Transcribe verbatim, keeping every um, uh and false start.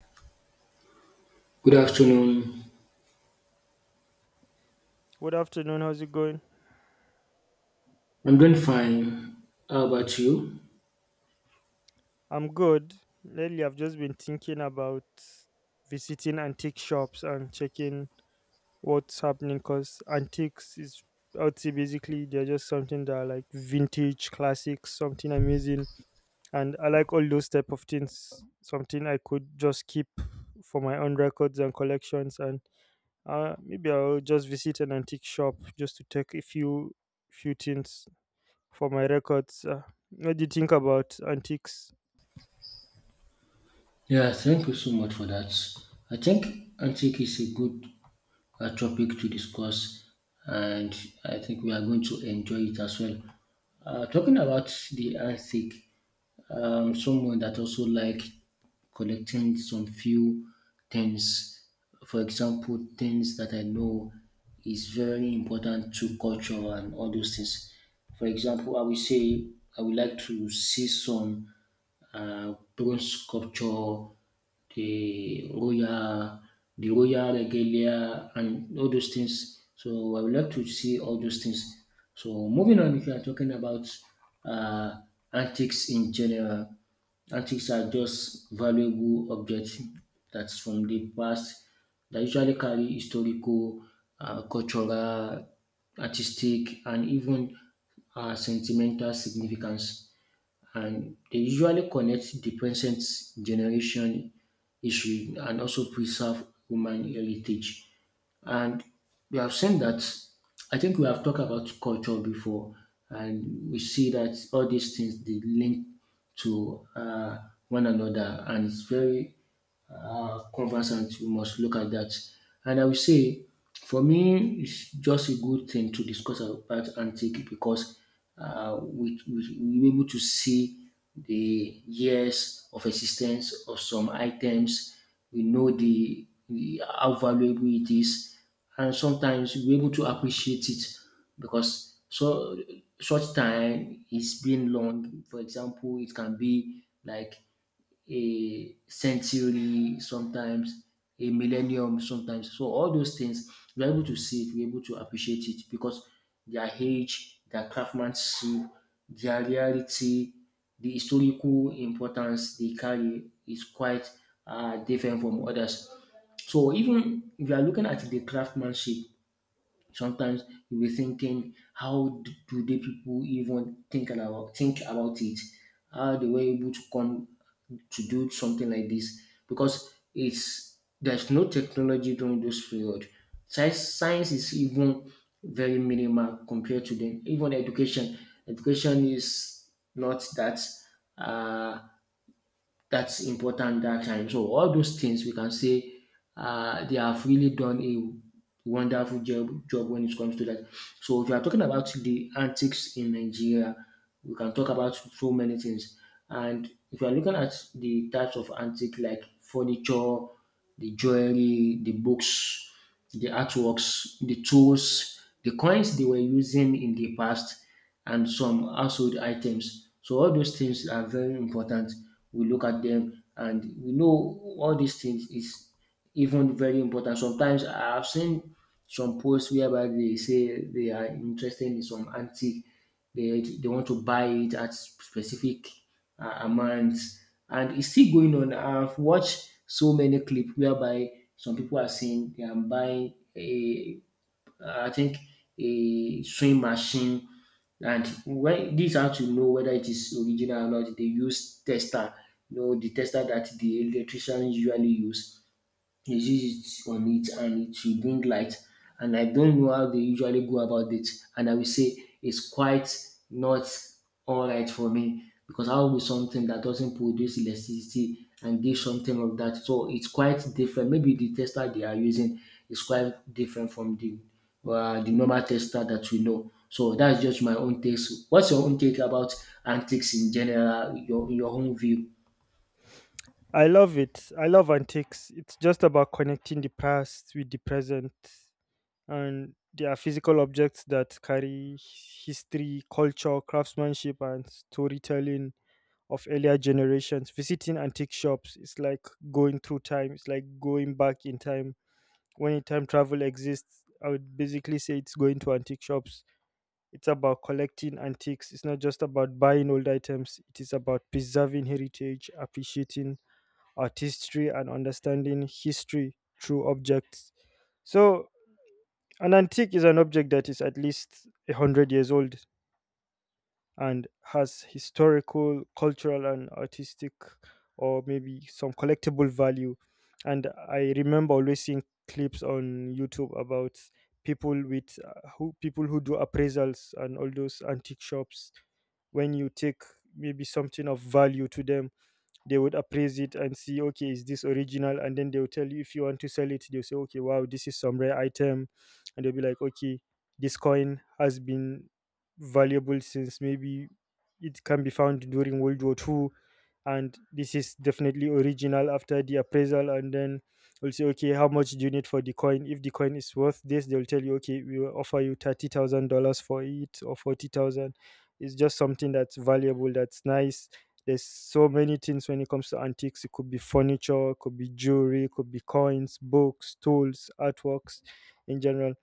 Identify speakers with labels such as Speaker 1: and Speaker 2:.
Speaker 1: Good afternoon.
Speaker 2: Good afternoon. How's it going?
Speaker 1: I'm doing fine. How about you?
Speaker 2: I'm good. Lately, I've just been thinking about visiting antique shops and checking what's happening because antiques is, I would say, basically, they're just something that are like vintage, classics, something amazing. And I like all those type of things, something I could just keep for my own records and collections. And uh, maybe I'll just visit an antique shop just to take a few, few things for my records. Uh, what do you think about antiques?
Speaker 1: Yeah, thank you so much for that. I think antique is a good uh, topic to discuss, and I think we are going to enjoy it as well. Uh, talking about the Arctic, um, someone that also like collecting some few things. For example, things that I know is very important to culture and all those things. For example, I will say I would like to see some uh, bronze sculpture the royal, the royal regalia, and all those things. So I would like to see all those things. So moving on, if you are talking about uh, antiques in general, antiques are just valuable objects that's from the past that usually carry historical, uh, cultural, artistic, and even uh, sentimental significance and they usually connect the present generation history and also preserve human heritage. And we have seen that I think we have talked about culture before, and we see that all these things they link to uh, one another, and it's very uh, conversant. We must look at that. And I will say, for me, it's just a good thing to discuss about antique because uh, we, we, we were able to see the years of existence of some items. We know the, the how valuable it is, and sometimes we're able to appreciate it because so such time is being long. For example, it can be like a century sometimes, a millennium sometimes. So all those things, we're able to see it, we're able to appreciate it because their age, their craftsmanship, their reality, the historical importance they carry is quite uh, different from others. So even if you are looking at the craftsmanship, sometimes you be thinking how d- do they people even think about think about it how they were able to come to do something like this because it's there's no technology during those period science science is even very minimal compared to them even education education is not that uh, that's important that time. So all those things we can say uh, they have really done a wonderful job, job when it comes to that. So if you are talking about the antics in Nigeria, we can talk about so many things. And if you are looking at the types of antique like furniture, the jewelry, the books, the artworks, the tools, the coins they were using in the past, and some household items. So all those things are very important. We look at them and we know all these things is even very important. Sometimes I've seen some posts whereby they say they are interested in some antique, they, they want to buy it at specific uh, amounts, and it's still going on. I've watched so many clips whereby some people are saying they are buying a uh, I think a sewing machine. And when this how to know whether it is original or not, they use tester. You know the tester that the electrician usually use. They use it on it and it will bring light. And I don't know how they usually go about it. And I will say it's quite not all right for me because I will be something that doesn't produce electricity and give something of that. So it's quite different. Maybe the tester they are using is quite different from the uh, the normal tester that we know. So that's just my own take. What's your own take about antics in general, your your own view?
Speaker 2: I love it. I love antiques. It's just about connecting the past with the present. And they are physical objects that carry history, culture, craftsmanship, and storytelling of earlier generations. Visiting antique shops is like going through time, it's like going back in time. When time travel exists, I would basically say it's going to antique shops. It's about collecting antiques. It's not just about buying old items, it is about preserving heritage, appreciating artistry, and understanding history through objects. So, an antique is an object that is at least one hundred years old and has historical, cultural, and artistic, or maybe some collectible value. And I remember always seeing clips on YouTube about people with uh, who people who do appraisals and all those antique shops. When you take maybe something of value to them, they would appraise it and see, okay, is this original? And then they'll tell you, if you want to sell it, they'll say, okay, wow, this is some rare item. And they'll be like, okay, this coin has been valuable since, maybe it can be found during world war Two, and this is definitely original after the appraisal. And then we'll say, okay, how much do you need for the coin? If the coin is worth this, they'll tell you, okay, we will offer you thirty thousand dollars for it, or forty thousand. It's just something that's valuable, that's nice. There's so many things when it comes to antiques. It could be furniture, it could be jewelry, it could be coins, books, tools, artworks in general.